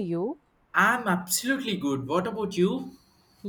You. I'm absolutely good. What about you?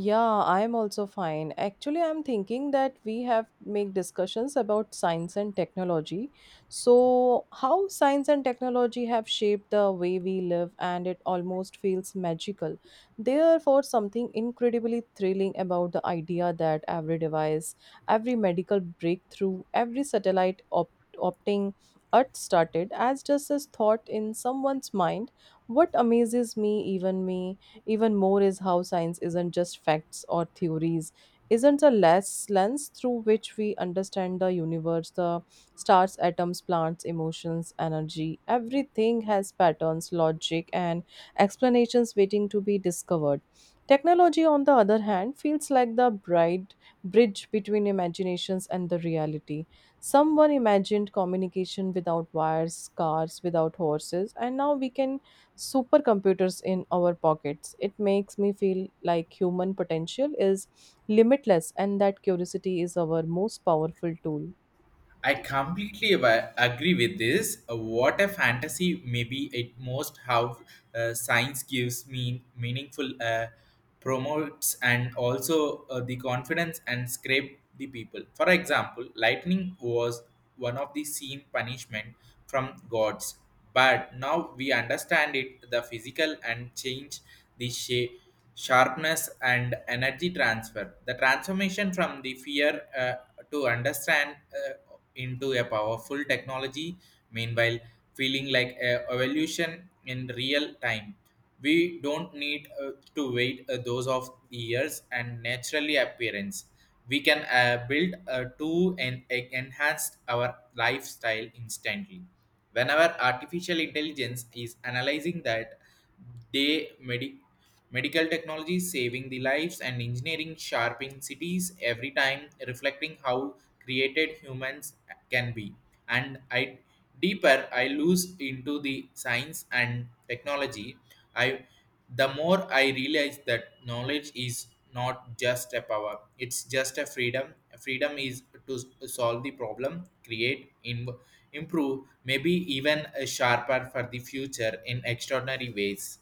Yeah, I'm also fine. Actually, I'm thinking that we have make discussions about science and technology. So how science and technology have shaped the way we live, and it almost feels magical. Therefore something incredibly thrilling about the idea that every device, every medical breakthrough, every satellite op- opting earth started as just a thought in someone's mind. What amazes me even me, even more is how science isn't just facts or theories, isn't a less lens through which we understand the universe, the stars, atoms, plants, emotions, energy. Everything has patterns, logic, and explanations waiting to be discovered. Technology, on the other hand, feels like the bright bridge between imaginations and the reality. Someone imagined communication without wires, cars without horses, and now we can supercomputers in our pockets. It makes me feel like human potential is limitless and that curiosity is our most powerful tool. I completely agree with this. What a fantasy! Maybe it most how science gives me meaningful promotes and also the confidence and scrape the people. For example, lightning was one of the seen punishment from gods, but now we understand it the physical and change the shape sharpness and energy transfer the transformation from the fear to understand into a powerful technology, meanwhile, feeling like a evolution in real time. We don't need to wait those of years and naturally appearance. We can build to and enhance our lifestyle instantly. Whenever artificial intelligence is analyzing that, they meditate. Medical technology saving the lives and engineering sharpening cities every time, reflecting how created humans can be. And I deeper I lose into the science and technology, I the more I realize that knowledge is not just a power, it's just a freedom. Freedom is to solve the problem, create, improve, maybe even sharper for the future in extraordinary ways.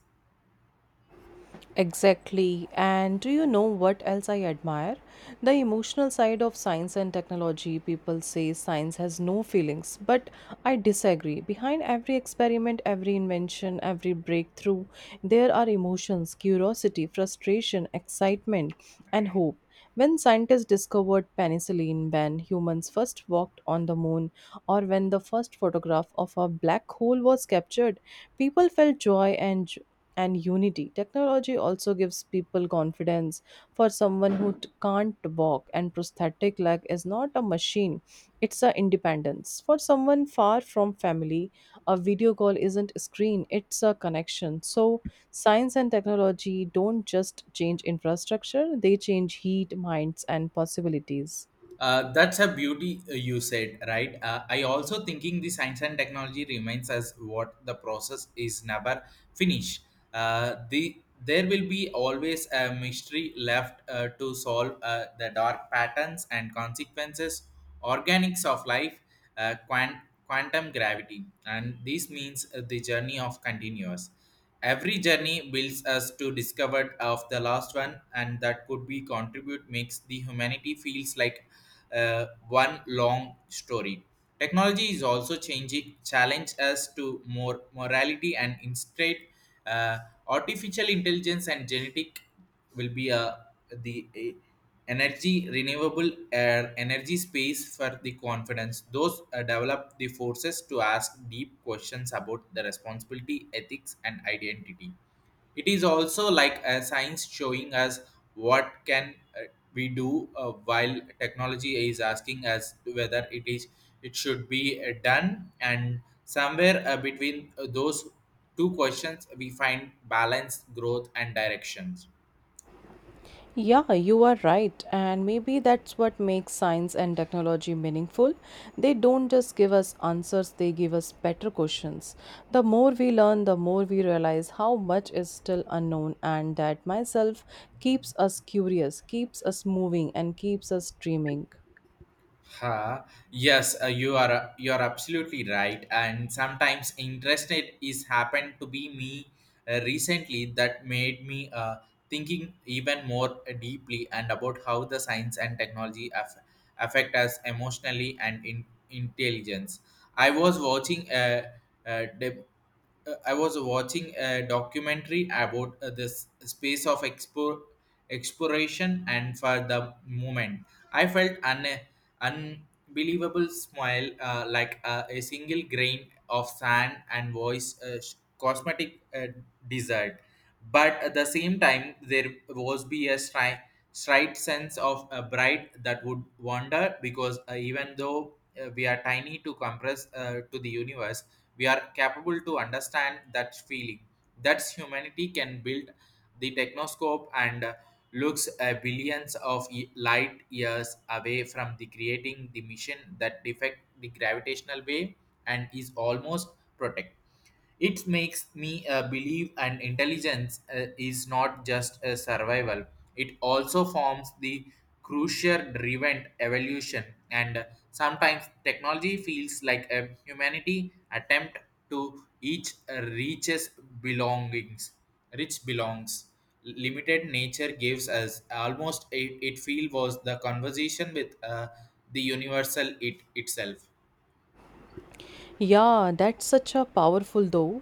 Exactly. And do you know what else I admire? The emotional side of science and technology. People say science has no feelings, but I disagree. Behind every experiment, every invention, every breakthrough, there are emotions, curiosity, frustration, excitement, and hope. When scientists discovered penicillin, when humans first walked on the moon, or when the first photograph of a black hole was captured, people felt joy and unity. Technology also gives people confidence. For someone who can't walk and prosthetic leg is not a machine, it's a independence. For someone far from family, a video call isn't a screen, it's a connection. So science and technology don't just change infrastructure, they change heat, minds and possibilities. That's a beauty you said, right? I also thinking the science and technology remains as what the process is never finished. The there will be always a mystery left to solve the dark patterns and consequences organics of life, uh, quant- quantum gravity, and this means the journey of continuous. Every journey builds us to discover of the last one, and that could be contribute makes the humanity feels like one long story. Technology is also changing, challenge us to more morality and instead uh, artificial intelligence and genetic will be the energy renewable air energy space for the confidence those develop the forces to ask deep questions about the responsibility ethics and identity. It is also like a science showing us what can we do while technology is asking us whether it is it should be done, and somewhere between those two questions we find balance growth and directions. Yeah, you are right. And maybe that's what makes science and technology meaningful. They don't just give us answers, they give us better questions. The more we learn, the more we realize how much is still unknown, and that myself keeps us curious, keeps us moving, and keeps us dreaming. Ha. Yes, you are absolutely right. And sometimes interestnet is happened to be me recently that made me thinking even more deeply and about how the science and technology affect us emotionally and in intelligence. I was watching a, I was watching a documentary about this space of exploration, and for the moment, I felt an unbelievable smile, like a single grain of sand and voice cosmetic desert. But at the same time, there was be a straight sense of a bright that would wander because even though we are tiny to compress to the universe we are capable to understand that feeling. That's humanity can build the technoscope and looks billions of light years away from the creating the mission that defect the gravitational wave and is almost protect. It makes me believe an intelligence is not just a survival, it also forms the crucial driven evolution, and sometimes technology feels like a humanity attempt to each reaches belongings rich belongs limited nature gives us almost it feel was the conversation with the universal it itself. Yeah, that's such a powerful though.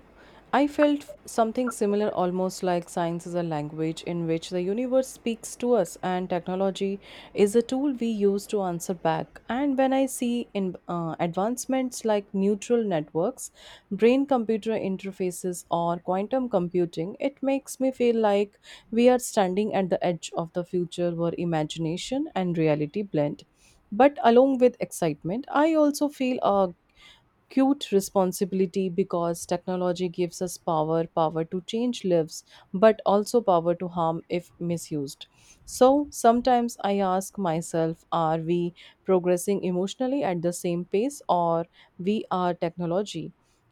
I felt something similar, almost like science is a language in which the universe speaks to us, and technology is a tool we use to answer back. And when I see in advancements like neural networks, brain-computer interfaces, or quantum computing, it makes me feel like we are standing at the edge of the future where imagination and reality blend. But along with excitement, I also feel a cute responsibility, because technology gives us power power to change lives, but also power to harm if misused. So sometimes I ask myself, are we progressing emotionally at the same pace, or we are technology?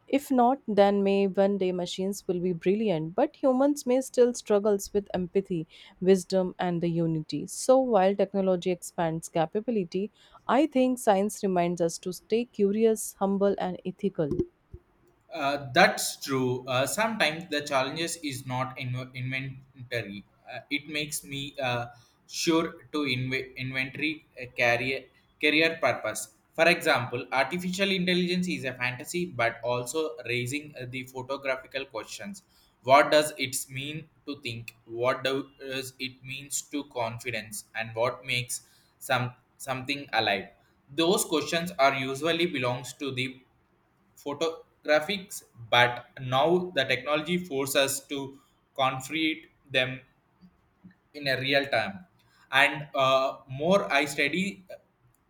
If not, then may one day machines will be brilliant, but humans may still struggles with empathy, wisdom, and the unity. So while technology expands capability, I think science reminds us to stay curious, humble, and ethical. That's true. Sometimes the challenges is not inventory. It makes me sure to inventory career purpose. For example, artificial intelligence is a fantasy, but also raising the photographical questions. What does it mean to think? What does it means to confidence? And what makes something alive? Those questions are usually belongs to the photographics, but now the technology forces us to confront them in a real time. And more I study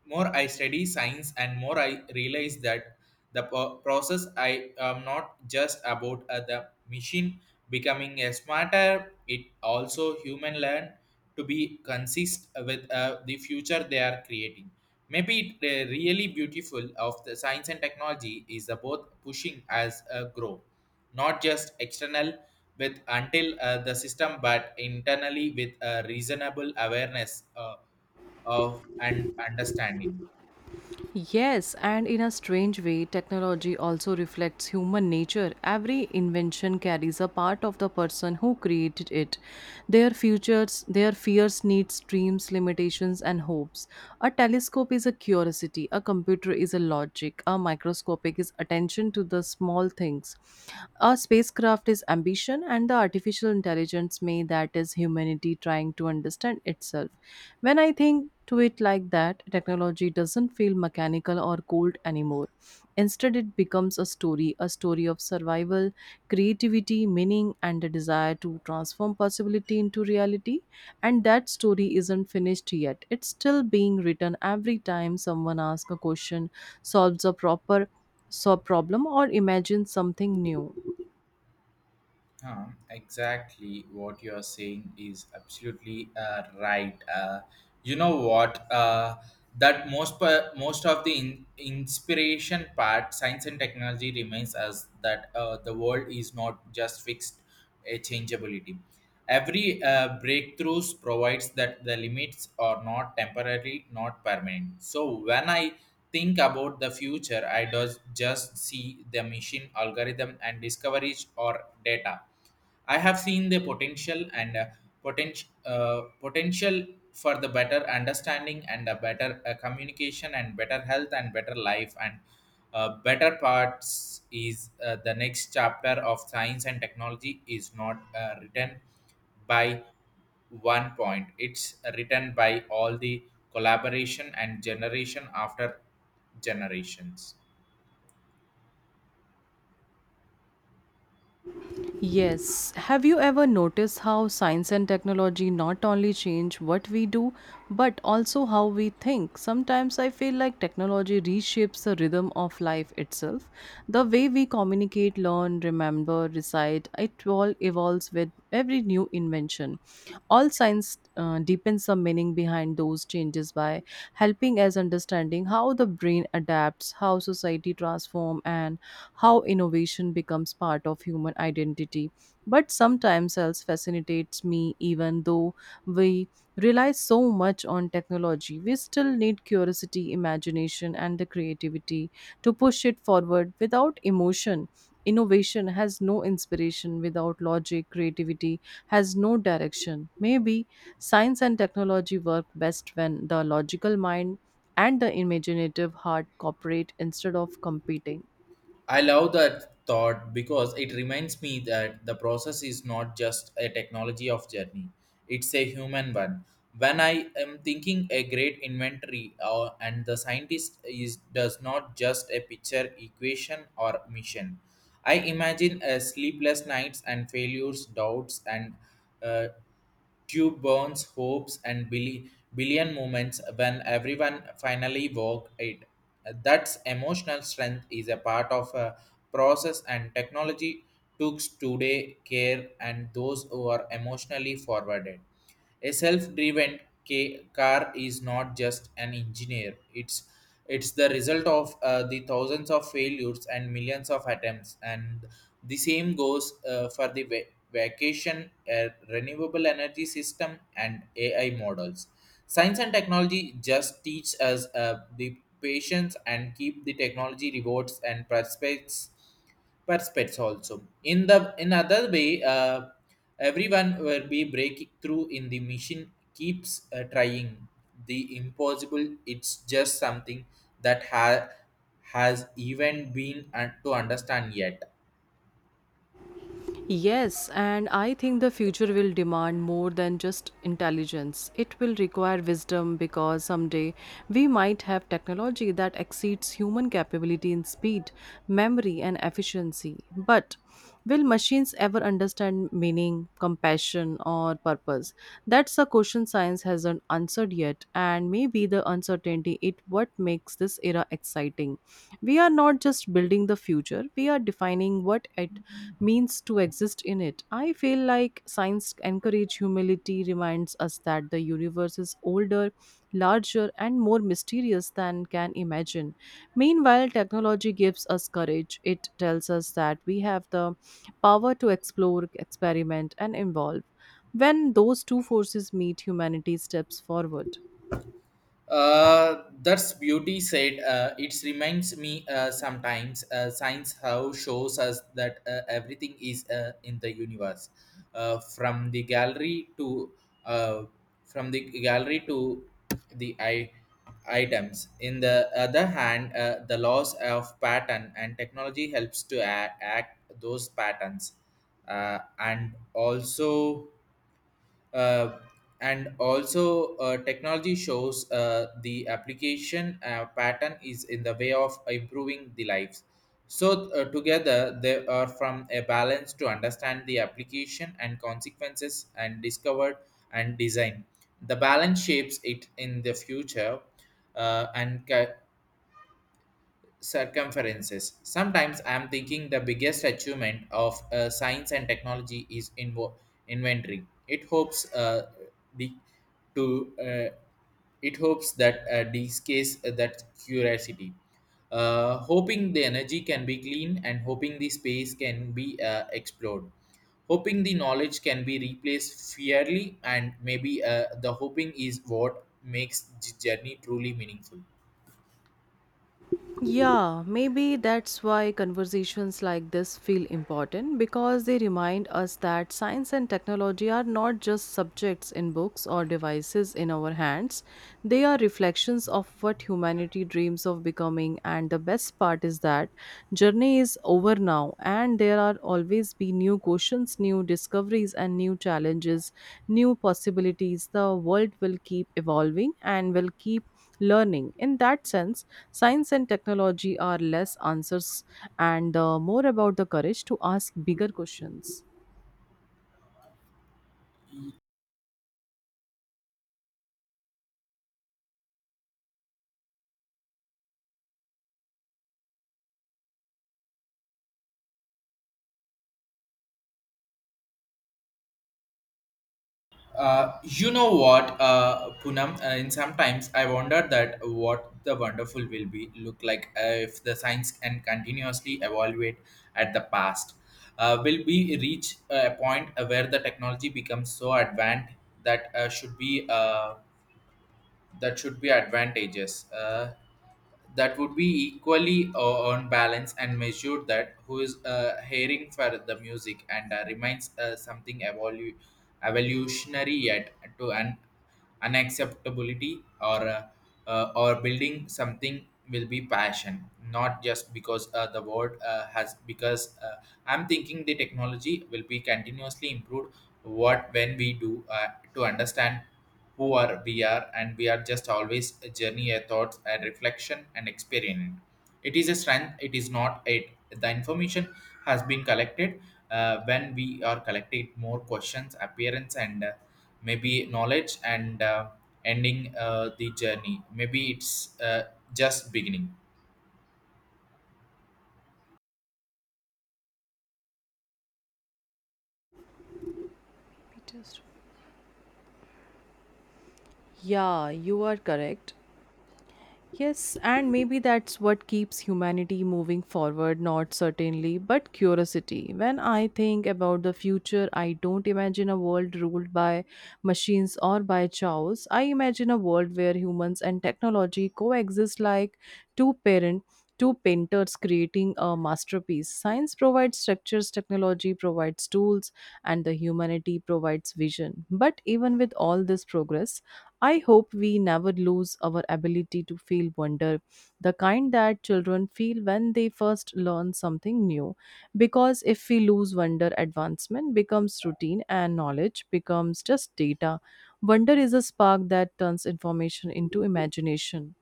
more I study science and more I realize that the process I am not just about the machine becoming a smarter, it also human learn to be consist with the future they are creating. Maybe it really beautiful of the science and technology is about pushing as a grow, not just external with until the system, but internally with a reasonable awareness of and understanding. Yes, and in a strange way, technology also reflects human nature. Every invention carries a part of the person who created it. Their futures, their fears, needs, dreams, limitations, and hopes. A telescope is a curiosity, a computer is a logic, a microscopic is attention to the small things. A spacecraft is ambition, and the artificial intelligence may that is humanity trying to understand itself. When I think to it like that, technology doesn't feel mechanical or cold anymore. Instead, it becomes a story of survival, creativity, meaning, and the desire to transform possibility into reality. And that story isn't finished yet. It's still being written every time someone asks a question, solves a proper so problem, or imagines something new. Huh, exactly what you are saying is absolutely right. You know what? That most most of the inspiration part, science and technology remains as that the world is not just fixed a changeability. Every breakthroughs provides that the limits are not temporary, not permanent. So when I think about the future, I does just see the machine algorithm and discoveries or data. I have seen the potential and potential for the better understanding and a better communication and better health and better life and better parts is the next chapter of science and technology is not written by one point, it's written by all the collaboration and generation after generations. Yes. Have you ever noticed how science and technology not only change what we do, but also how we think? Sometimes I feel like technology reshapes the rhythm of life itself. The way we communicate, learn, remember, recite, it all evolves with every new invention. All science deepens the meaning behind those changes by helping us understanding how the brain adapts, how society transforms, and how innovation becomes part of human identity. But sometimes else fascinates me, even though we rely so much on technology, we still need curiosity, imagination, and the creativity to push it forward without emotion. Innovation has no inspiration without logic, creativity has no direction. Maybe science and technology work best when the logical mind and the imaginative heart cooperate instead of competing. I love that thought because it reminds me that the process is not just a technology of journey, it's a human one. When I am thinking a great inventory and the scientist is does not just a picture equation or mission. I imagine a sleepless nights and failures, doubts and uh, Tube burns hopes and billion moments when everyone finally walk it. That's emotional strength is a part of a process and technology took today care and those who are emotionally forwarded. A self-driven car is not just an engineer. It's the result of the thousands of failures and millions of attempts. And the same goes for the vacation, renewable energy system, and AI models. Science and technology just teach us the patience and keep the technology rewards and prospects perspectives also in the in other way. Everyone will be breaking through in the machine keeps trying the impossible. It's just something that has even been to understand yet. Yes, and I think the future will demand more than just intelligence. It will require wisdom, because someday we might have technology that exceeds human capability in speed, memory, and efficiency. But will machines ever understand meaning, compassion, or purpose? That's a question science hasn't answered yet, and maybe the uncertainty it what makes this era exciting. We are not just building the future, we are defining what it means to exist in it. I feel like science encourage humility, reminds us that the universe is older, larger and more mysterious than can imagine. Meanwhile, technology gives us courage. It tells us that we have the power to explore, experiment and evolve. When those two forces meet, humanity steps forward. That's beauty said. It reminds me sometimes science how shows us that everything is in the universe, uh, from the gallery to uh, from the gallery to the I items. In the other hand, the laws of pattern and technology helps to act those patterns, uh, and also uh, and also technology shows the application pattern is in the way of improving the lives. So together they are from a balance to understand the application and consequences and discovered and design the balance shapes it in the future, uh, and ca- circumferences. Sometimes I am thinking the biggest achievement of science and technology is inventory. The to uh, it hopes that this case that curiosity, hoping the energy can be clean and hoping the space can be explored, hoping the knowledge can be replaced fairly. And maybe the hoping is what makes the journey truly meaningful. Yeah, maybe that's why conversations like this feel important, because they remind us that science and technology are not just subjects in books or devices in our hands. They are reflections of what humanity dreams of becoming, and the best part is that journey is over now, and there are always be new questions, new discoveries and new challenges, new possibilities. The world will keep evolving and will keep learning. In that sense, science and technology are less answers and more about the courage to ask bigger questions. You know what, Poonam, and sometimes I wonder that what the wonderful will be look like if the science can continuously evaluate at the past. Will be reach a point where the technology becomes so advanced that should be that should be advantageous. That would be equally on balance and measured that who is hearing for the music and reminds something evolutionary yet to an unacceptability, or building something will be passion not just because the word has because I'm thinking the technology will be continuously improved. What when we do to understand who are we are, and we are just always a journey, a thoughts, a reflection and experience. It is a strength, it is not it the information has been collected. When we are collecting more questions appearance, and maybe knowledge and ending the journey, maybe it's uh, just beginning. Peter's. Yeah, you are correct. Yes, and maybe that's what keeps humanity moving forward, not certainly, but curiosity. When I think about the future, I don't imagine a world ruled by machines or by chows. I imagine a world where humans and technology coexist like two parent, two painters creating a masterpiece. Science provides structures, technology provides tools, and the humanity provides vision. But even with all this progress, I hope we never lose our ability to feel wonder, the kind that children feel when they first learn something new. Because if we lose wonder, advancement becomes routine and knowledge becomes just data. Wonder is a spark that turns information into imagination.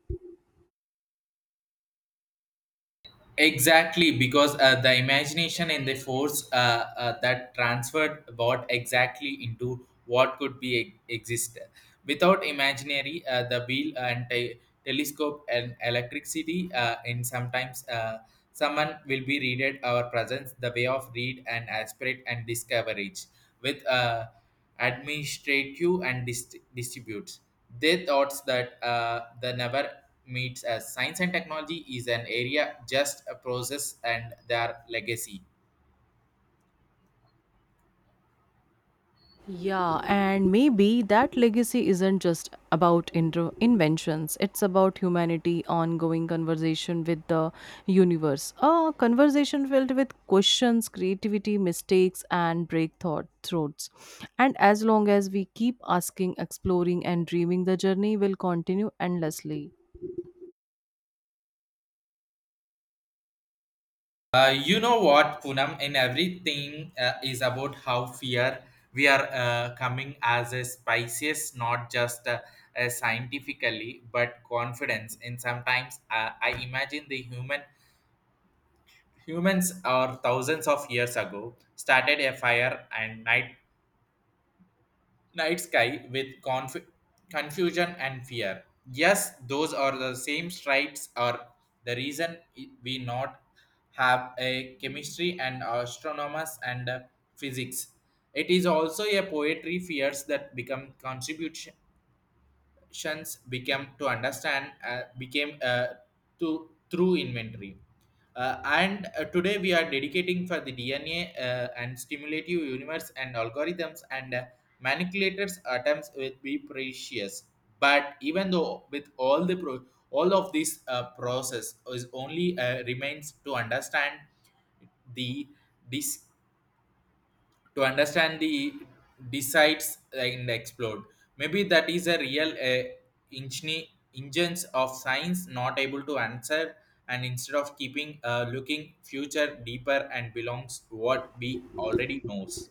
Exactly, because the imagination and the force that transferred what exactly into what could be exist. Without imaginary, the wheel and telescope and electricity, and sometimes someone will be readed our presence, the way of read and aspirate and discoverage with administrative and distributes. They thoughts that the never meets as science and technology is an area just a process and their legacy. Yeah, and maybe that legacy isn't just about inventions. It's about humanity, ongoing conversation with the universe. A conversation filled with questions, creativity, mistakes, and breakthroughs. And as long as we keep asking, exploring, and dreaming, the journey will continue endlessly. You know what, Punam, in everything is about how fear we are coming as a species, not just scientifically, but confidence. And sometimes I imagine the humans are thousands of years ago started a fire and night sky with confusion and fear. Yes, those are the same stripes are the reason we not have a chemistry and astronomers and physics. It is also a poetry fears that become contribution transactions became to understand became to through inventory. And today we are dedicating for the DNA and stimulative universe and algorithms and manipulators attempts will be precious. But even though with all all of this process is only remains to understand the dis to understand the decides and explode. Maybe that is a real engine, engines of science not able to answer, and instead of keeping looking future deeper and belongs to what we already knows.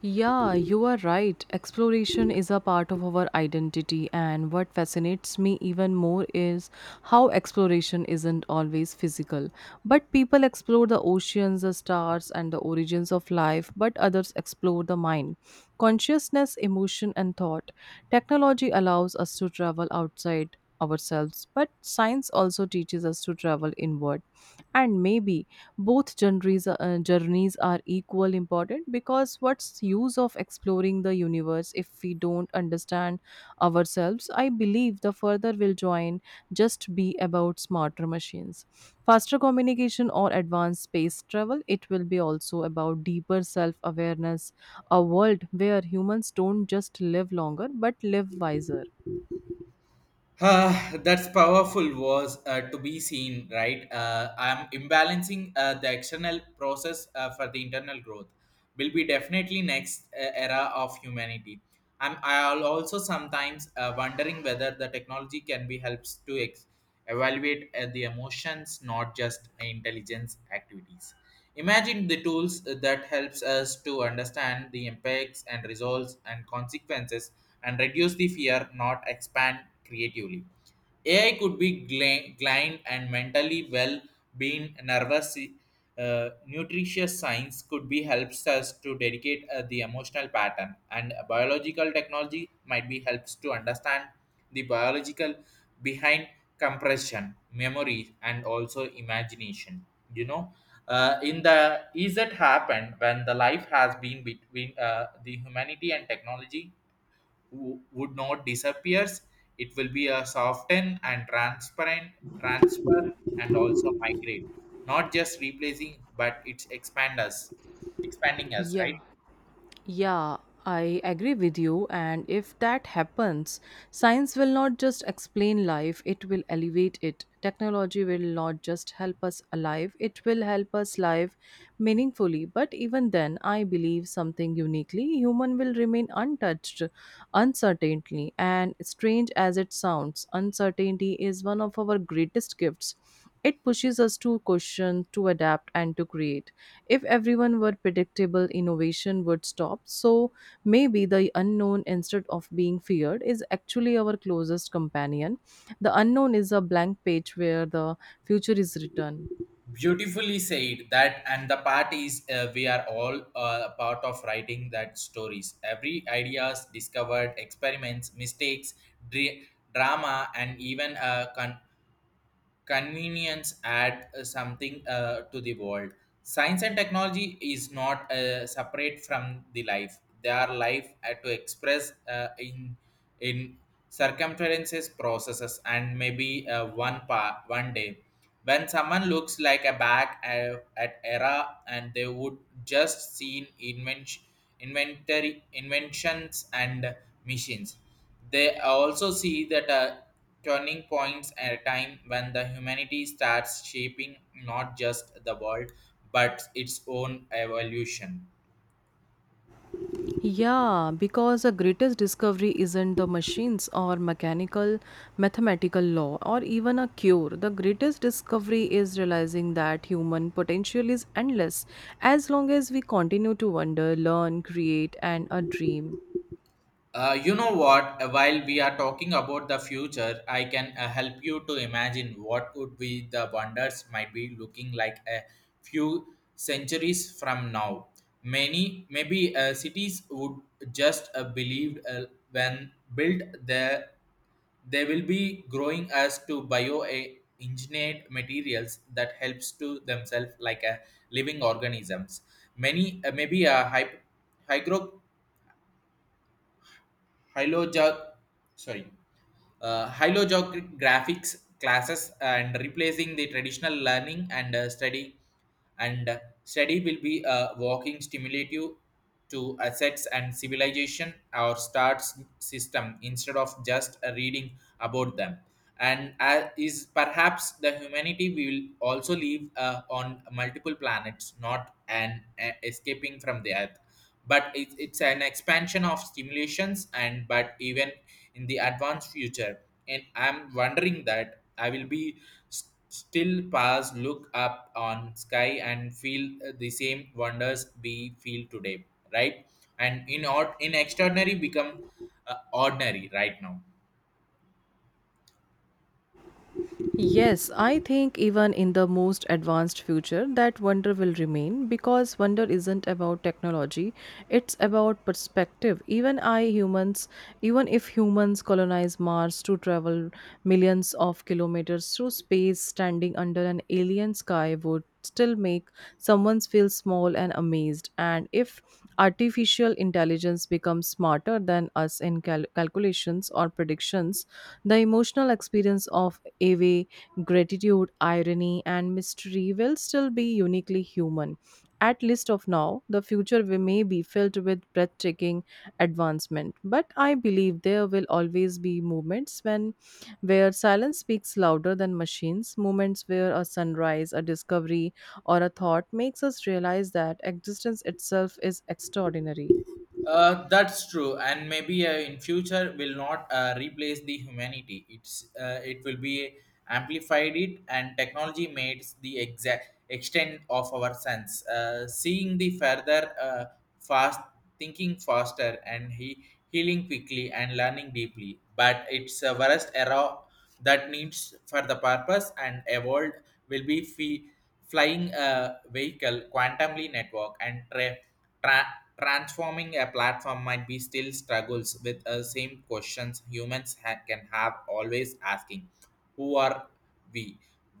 Yeah, you are right. Exploration is a part of our identity, and what fascinates me even more is how exploration isn't always physical. But people explore the oceans, the stars, and the origins of life, but others explore the mind, consciousness, emotion, and thought. Technology allows us to travel outside ourselves, but science also teaches us to travel inward. And maybe both journeys are equal important, because what's use of exploring the universe if we don't understand ourselves. I believe the further will join just be about smarter machines, faster communication or advanced space travel. It will be also about deeper self awareness, a world where humans don't just live longer but live wiser. Ah, that's powerful was to be seen, right? I'm imbalancing the external process for the internal growth. Will be definitely next era of humanity. I'll also sometimes wondering whether the technology can be helps to evaluate the emotions, not just intelligence activities. Imagine the tools that helps us to understand the impacts and results and consequences and reduce the fear, not expand creatively. AI could be client and mentally well being nervous. Nutritious science could be helps us to dedicate the emotional pattern and biological technology might be helps to understand the biological behind compression memory and also imagination you know in the is it happened when the life has been between the humanity and technology would not disappears, it will be a soften and transparent transfer and also migrate, not just replacing but it's expanding us, Yeah. right? Yeah, I agree with you. And if that happens, science will not just explain life, it will elevate it. Technology will not just help us alive, it will help us live meaningfully. But even then, I believe something uniquely human will remain untouched, uncertainly. And strange as it sounds, uncertainty is one of our greatest gifts. It pushes us to question, to adapt, and to create. If everyone were predictable, innovation would stop. So maybe the unknown, instead of being feared, is actually our closest companion. The unknown is a blank page where the future is written. Beautifully said that, and the part is we are all part of writing that stories, every ideas discovered, experiments, mistakes, dra- drama, and even convenience add something to the world. Science and technology is not separate from the life, they are life to express in circumferences processes. And maybe one day when someone looks like a back at era, and they would just seen inventions and machines, they also see that turning points at a time when the humanity starts shaping not just the world, but its own evolution. Yeah, because the greatest discovery isn't the machines or mechanical, mathematical law or even a cure. The greatest discovery is realizing that human potential is endless as long as we continue to wonder, learn, create, and a dream. You know what? While we are talking about the future, I can help you to imagine what would be the wonders might be looking like a few centuries from now. Maybe cities would just believed when built there. They will be growing as to bioengineered materials that helps to themselves like a living organisms. Many maybe a hy- hygro hyloja sorry uh, graphics classes and replacing the traditional learning and study will be a walking stimulative to assets and civilization or starts system, instead of just reading about them. And is perhaps the humanity will also live on multiple planets, not an escaping from the earth, but it's an expansion of stimulations. And but even in the advanced future, and I'm wondering that I will be still pass look up on sky and feel the same wonders we feel today, right? And in or in extraordinary become ordinary right now. Yes, I think even in the most advanced future, that wonder will remain, because wonder isn't about technology, it's about perspective. Even I humans, even if humans colonize Mars to travel millions of kilometers through space, standing under an alien sky would still make someone feel small and amazed. And if artificial intelligence becomes smarter than us in calculations or predictions, the emotional experience of awe, gratitude, irony, and mystery will still be uniquely human. At least of now, the future we may be filled with breathtaking advancement. But I believe there will always be moments when where silence speaks louder than machines, moments where a sunrise, a discovery, or a thought makes us realize that existence itself is extraordinary. That's true, and maybe in future will not replace the humanity. It will be amplified it, and technology makes the exact extent of our sense. Seeing the further, fast thinking faster, and he healing quickly and learning deeply. But it's a worst era that needs for the purpose and evolved will be fee flying a vehicle quantumly network and transforming a platform might be still struggles with the same questions humans can have always asking. Who are we?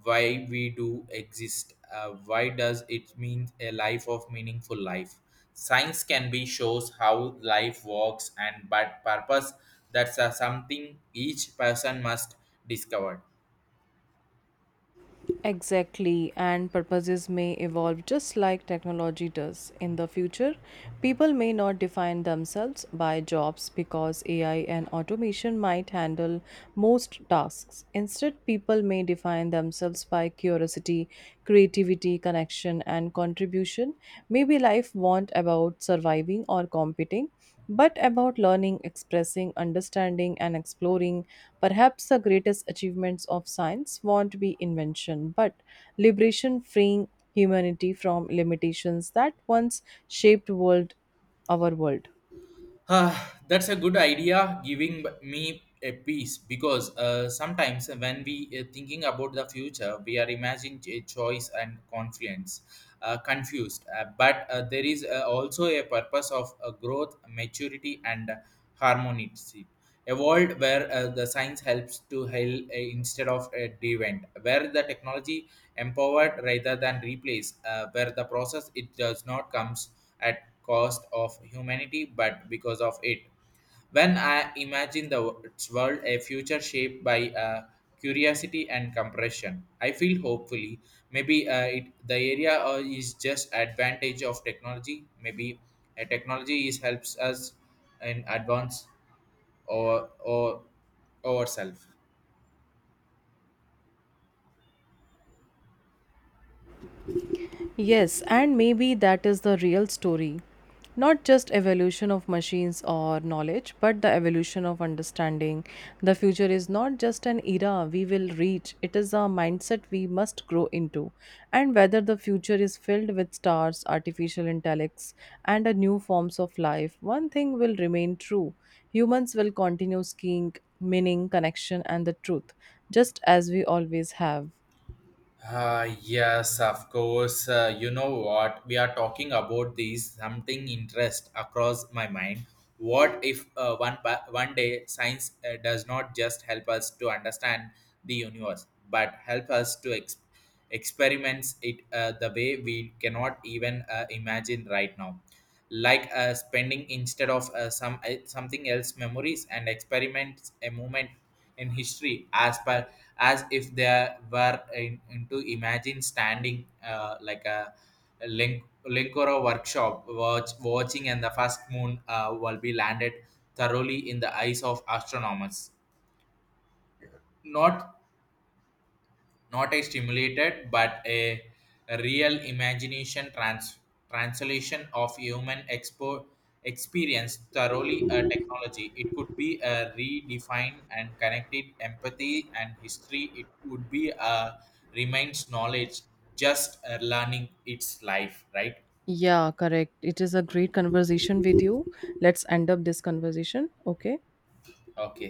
Why we do exist? Why does it mean a life of meaningful life? Science can be shows how life works, and but purpose, that's something each person must discover. Exactly, and purposes may evolve just like technology does. In the future, people may not define themselves by jobs, because AI and automation might handle most tasks. Instead, people may define themselves by curiosity, creativity, connection, and contribution. Maybe life won't about surviving or competing, but about learning, expressing, understanding, and exploring. Perhaps the greatest achievements of science won't be invention, but liberation, freeing humanity from limitations that once shaped world our world. That's a good idea, giving me a peace because sometimes when we thinking about the future, we are imagining a choice and confidence, confused. But there is also a purpose of growth, maturity, and harmony evolved, where the science helps to heal instead of a event, where the technology empowered rather than replace, where the process it does not comes at cost of humanity but because of it. When I imagine the its world, a future shaped by curiosity and compression, I feel hopefully. Maybe the area is just advantage of technology. Maybe a technology is helps us in advance or ourselves. Yes, and maybe that is the real story. Not just evolution of machines or knowledge, but the evolution of understanding. The future is not just an era we will reach, it is a mindset we must grow into. And whether the future is filled with stars, artificial intellects, and a new forms of life, one thing will remain true. Humans will continue seeking meaning, connection, and the truth, just as we always have. Yes, of course. You know what? We are talking about this, something interest across my mind. What if one day science does not just help us to understand the universe, but help us to experiments it the way we cannot even imagine right now. Like spending instead of something else memories and experiments a moment in history as per, as if they were into imagine standing like a linkoro workshop watching and the first moon will be landed thoroughly in the eyes of astronomers, not not a stimulated but a real imagination translation of human experience thoroughly a technology. It could be a redefined and connected empathy and history, it would be a remains knowledge just learning its life, right? Yeah, correct. It is a great conversation with you. Let's end up this conversation. Okay. Okay.